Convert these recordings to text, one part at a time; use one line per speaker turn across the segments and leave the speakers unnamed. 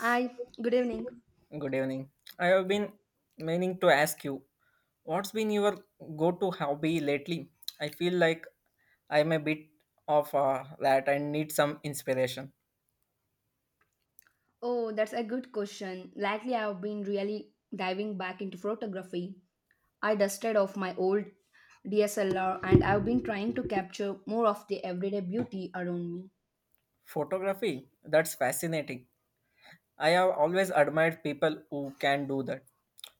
Hi, good evening.
Good evening. I have been meaning to ask you, what's been your go-to hobby lately? I feel like I'm a bit of that and need some inspiration.
Oh, that's a good question. Lately, I've been really diving back into photography. I dusted off my old DSLR and I've been trying to capture more of the everyday beauty around me.
Photography, that's fascinating. I have always admired people who can do that.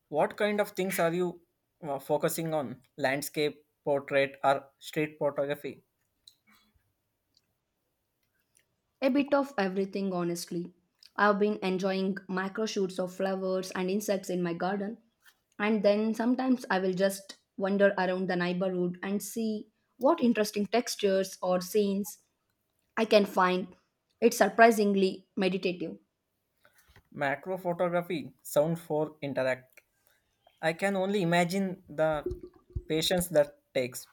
What kind of things are you focusing on? Landscape, portrait, or street photography?
A bit of everything, honestly. I've been enjoying macro shoots of flowers and insects in my garden, and then sometimes I will just wander around the neighborhood and see what interesting textures or scenes I can find. It's surprisingly meditative.
Macro photography, sound for interact. I can only imagine the patience that takes.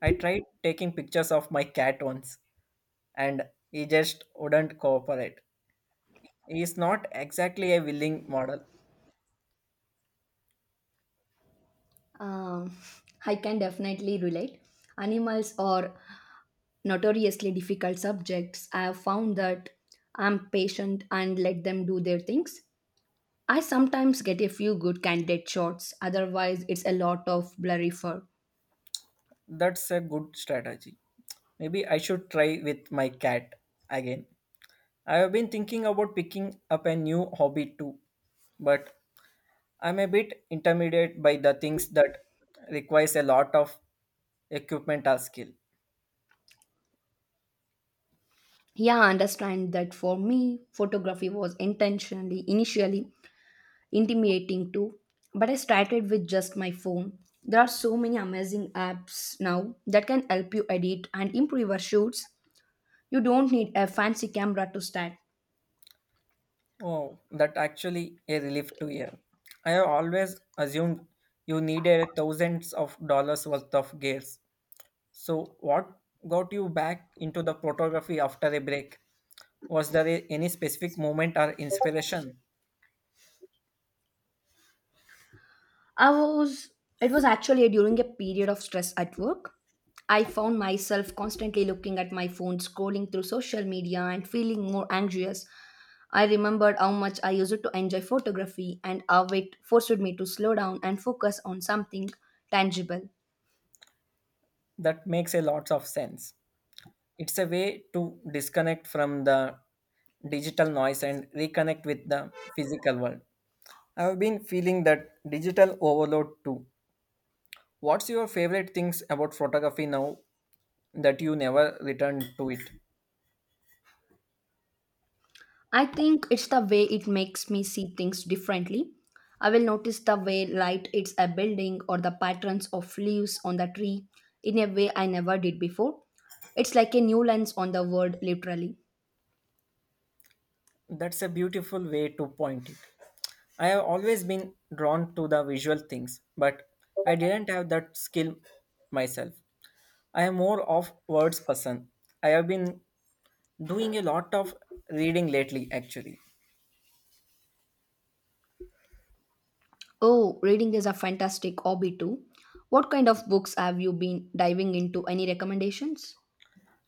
I tried taking pictures of my cat once and he just wouldn't cooperate. He is not exactly a willing model.
Um, I can definitely relate. Animals are notoriously difficult subjects. I have found that I'm patient and let them do their things. I sometimes get a few good candidate shots. Otherwise, it's a lot of blurry fur.
That's a good strategy. Maybe I should try with my cat again. I have been thinking about picking up a new hobby too, but I'm a bit intimidated by the things that requires a lot of equipment or skill.
Yeah, I understand that. For me, photography was intentionally, initially intimidating too, but I started with just my phone. There are so many amazing apps now that can help you edit and improve your shoots. You don't need a fancy camera to stand.
Oh, that actually a relief to hear. I have always assumed you needed thousands of dollars worth of gears. So, what got you back into the photography after a break? Any specific moment or inspiration?
I was It was actually during a period of stress at work. I found myself constantly looking at my phone, scrolling through social media, and feeling more anxious. I remembered how much I used to enjoy photography and how it forced me to slow down and focus on something tangible.
That makes a lot of sense. It's a way to disconnect from the digital noise and reconnect with the physical world. I've been feeling that digital overload too. What's your favorite things about photography now that you never return to it?
I think it's the way it makes me see things differently. I will notice the way light hits a building or the patterns of leaves on the tree in a way I never did before. It's like a new lens on the world, literally.
That's a beautiful way to point it. I have always been drawn to the visual things, but I didn't have that skill myself. I am more of words person. I have been doing a lot of reading lately actually.
Oh, reading is a fantastic hobby too. What kind of books have you been diving into? Any recommendations?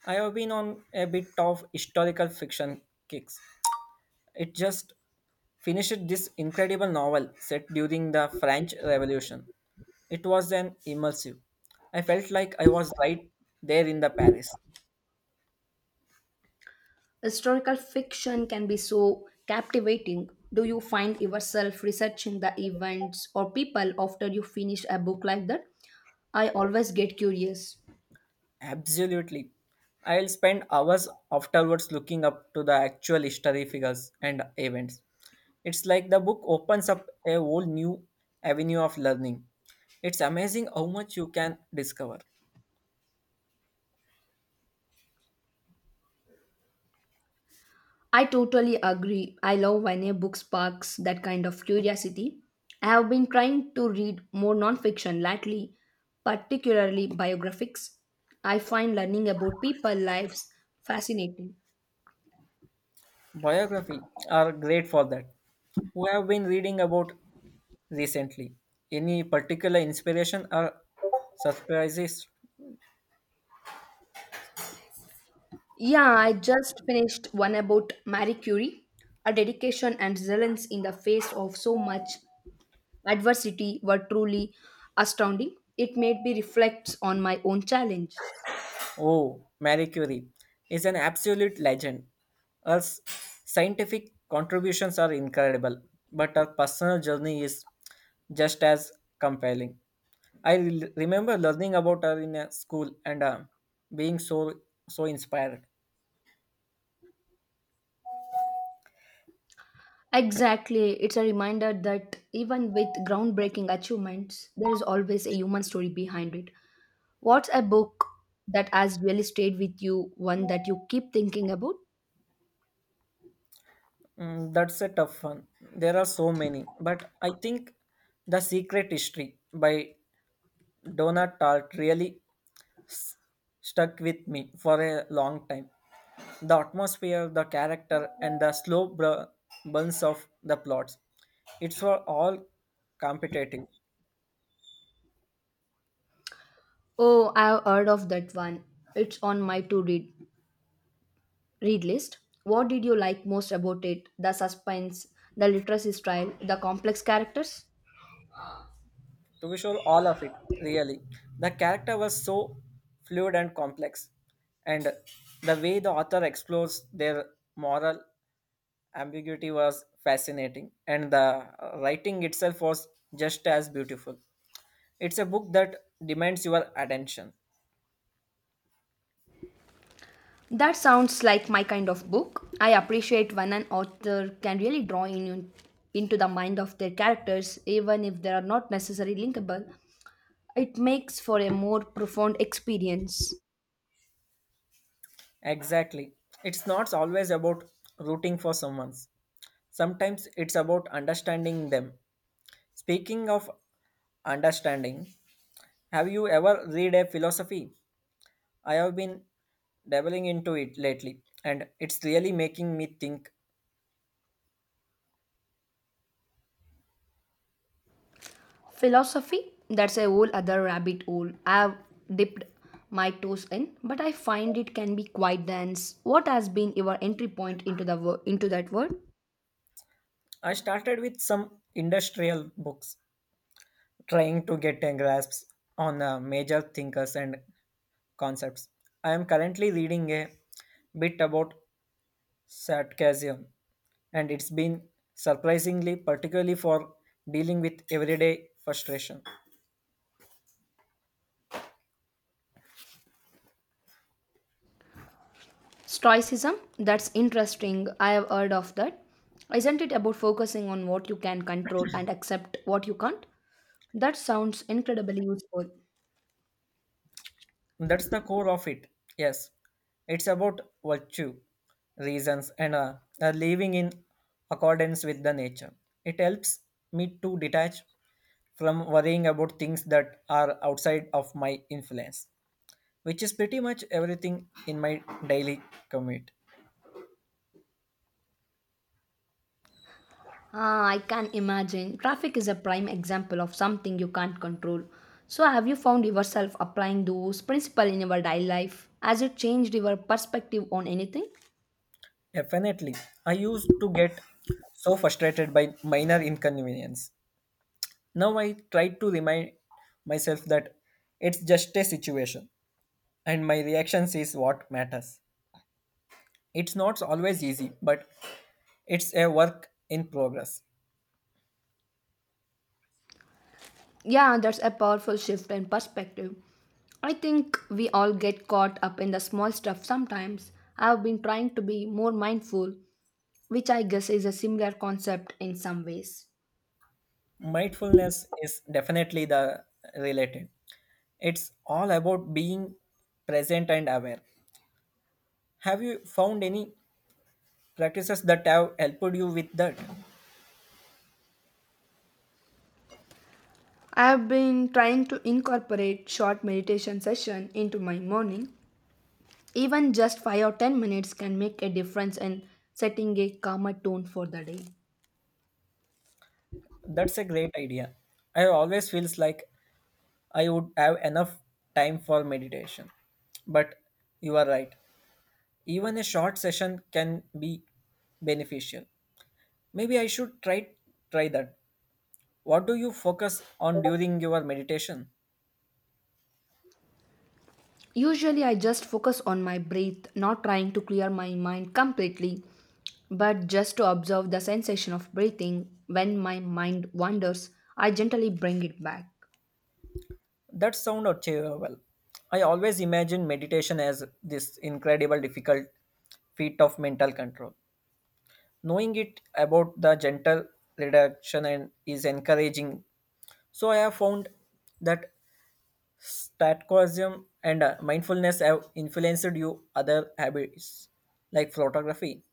I have been on a bit of historical fiction kicks. It just finished this incredible novel set during the French Revolution. It was an immersive. I felt like I was right there in the Paris.
Historical fiction can be so captivating. Do you find yourself researching the events or people after you finish a book like that? I always get curious.
Absolutely. I'll spend hours afterwards looking up to the actual history figures and events. It's like the book opens up a whole new avenue of learning. It's amazing how much you can discover.
I totally agree. I love when a book sparks that kind of curiosity. I have been trying to read more nonfiction lately, particularly biographies. I find learning about people's lives fascinating.
Biography are great for that. We have been reading about recently? Any particular inspiration or surprises?
Yeah, I just finished one about Marie Curie. Her dedication and resilience in the face of so much adversity were truly astounding. It made me reflect on my own challenges.
Oh, Marie Curie is an absolute legend. Her s- scientific contributions are incredible, but her personal journey is just as compelling. Remember learning about her in a school and being so inspired.
Exactly. It's a reminder that even with groundbreaking achievements, there is always a human story behind it. What's a book that has really stayed with you, one that you keep thinking about?
That's a tough one. There are so many, but I think The Secret History by Donna Tartt really s- stuck with me for a long time. The atmosphere, the character, and the burns of the plots. It's were all competitive,
Oh, I've heard of that one. It's on my to read list. What did you like most about it? The suspense, the literacy style, the complex characters?
to be sure all of it really the character was so fluid and complex, and the way the author explores their moral ambiguity was fascinating, and the writing itself was just as beautiful. It's a book that demands your attention
That sounds like my kind of book. I appreciate when an author can really draw in, into the mind of their characters, even if they are not necessarily linkable. It makes for a more profound experience.
exactly. It's not always about rooting for someone. Sometimes it's about understanding them. Speaking of understanding, have you ever read a philosophy? I have been dabbling into it lately, and it's really making me think.
Philosophy? That's a whole other rabbit hole. I've dipped my toes in, but I find it can be quite dense. What has been your entry point into the into that world?
I started with some industrial books, trying to get a grasp on major thinkers and concepts. I am currently reading a bit about sarcasm, and it's been surprisingly, particularly for dealing with everyday frustration.
Stoicism? That's interesting. I have heard of that. Isn't it about focusing on what you can control and accept what you can't? That sounds incredibly useful.
That's the core of it. Yes, it's about virtue, reasons, and living in accordance with the nature. It helps me to detach from worrying about things that are outside of my influence, which is pretty much everything in my daily commute.
Ah, I can imagine. Traffic is a prime example of something you can't control. So, have you found yourself applying those principles in your daily life? Has it changed your perspective on anything?
Definitely, I used to get so frustrated by minor inconvenience. Now I try to remind myself that it's just a situation and my reactions is what matters. It's not always easy, but it's a work in progress.
Yeah, that's a powerful shift in perspective. I think we all get caught up in the small stuff sometimes. I've been trying to be more mindful, which I guess is a similar concept in some ways.
Mindfulness is definitely the related. It's all about being present and aware. Have you found any practices that have helped you with that?
I have been trying to incorporate short meditation session into my morning. Even just 5 or 10 minutes can make a difference in setting a calmer tone for the day.
That's a great idea. I always feels like I would have enough time for meditation. But you are right. Even a short session can be beneficial. Maybe I should try that. What do you focus on during your meditation?
Usually I just focus on my breath, not trying to clear my mind completely, but just to observe the sensation of breathing. When my mind wanders, I gently bring it back.
That sound achievable. I always imagine meditation as this incredible difficult feat of mental control. Knowing it about the gentle reduction and is encouraging. So I have found that statquism and mindfulness have influenced you other habits like photography.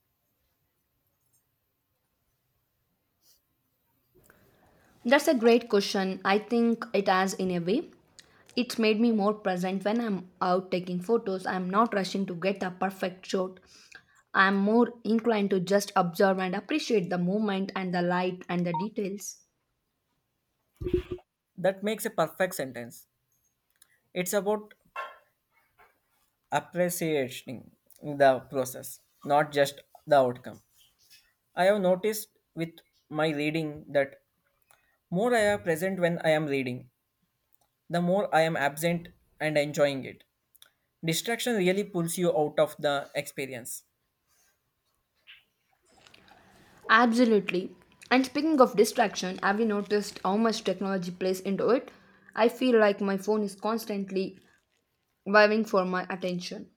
That's a great question. I think it has in a way. It's made me more present when I'm out taking photos. I'm not rushing to get a perfect shot. I'm more inclined to just observe and appreciate the moment and the light and the details.
That makes a perfect sentence. It's about appreciating the process, not just the outcome. I have noticed with my reading that more I am present when I am reading, the more I am absent and enjoying it. Distraction really pulls you out of the experience.
Absolutely. And speaking of distraction, have you noticed how much technology plays into it? I feel like my phone is constantly vying for my attention.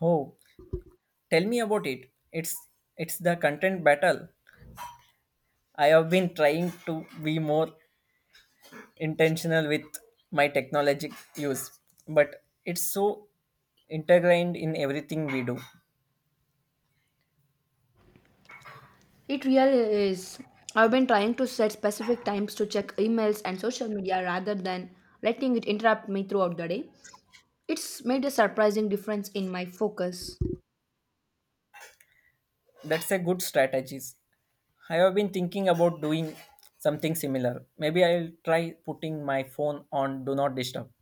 Oh, tell me about it. It's the content battle. I have been trying to be more intentional with my technologic use, but it's so integrated in everything we do.
It really is. I've been trying to set specific times to check emails and social media rather than letting it interrupt me throughout the day. It's made a surprising difference in my focus.
That's a good strategies. I have been thinking about doing something similar. Maybe I'll try putting my phone on do not disturb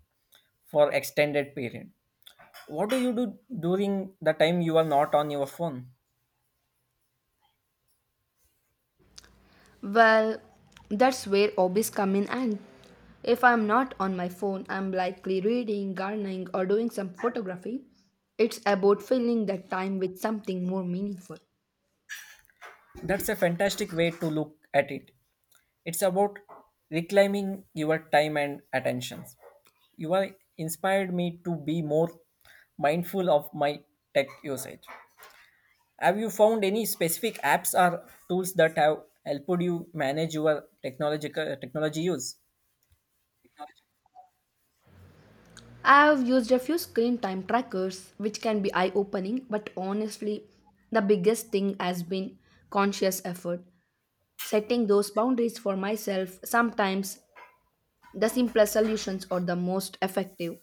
for extended period. What do you do during the time you are not on your phone?
Well, that's where hobbies come in, and if I'm not on my phone, I'm likely reading, gardening or doing some photography. It's about filling that time with something more meaningful.
That's a fantastic way to look at it. It's about reclaiming your time and attention. You are inspired me to be more mindful of my tech usage. Have you found any specific apps or tools that have helped you manage your technological technology use?
I've used a few screen time trackers, which can be eye opening, but honestly, the biggest thing has been conscious effort. Setting those boundaries for myself, sometimes the simplest solutions are the most effective.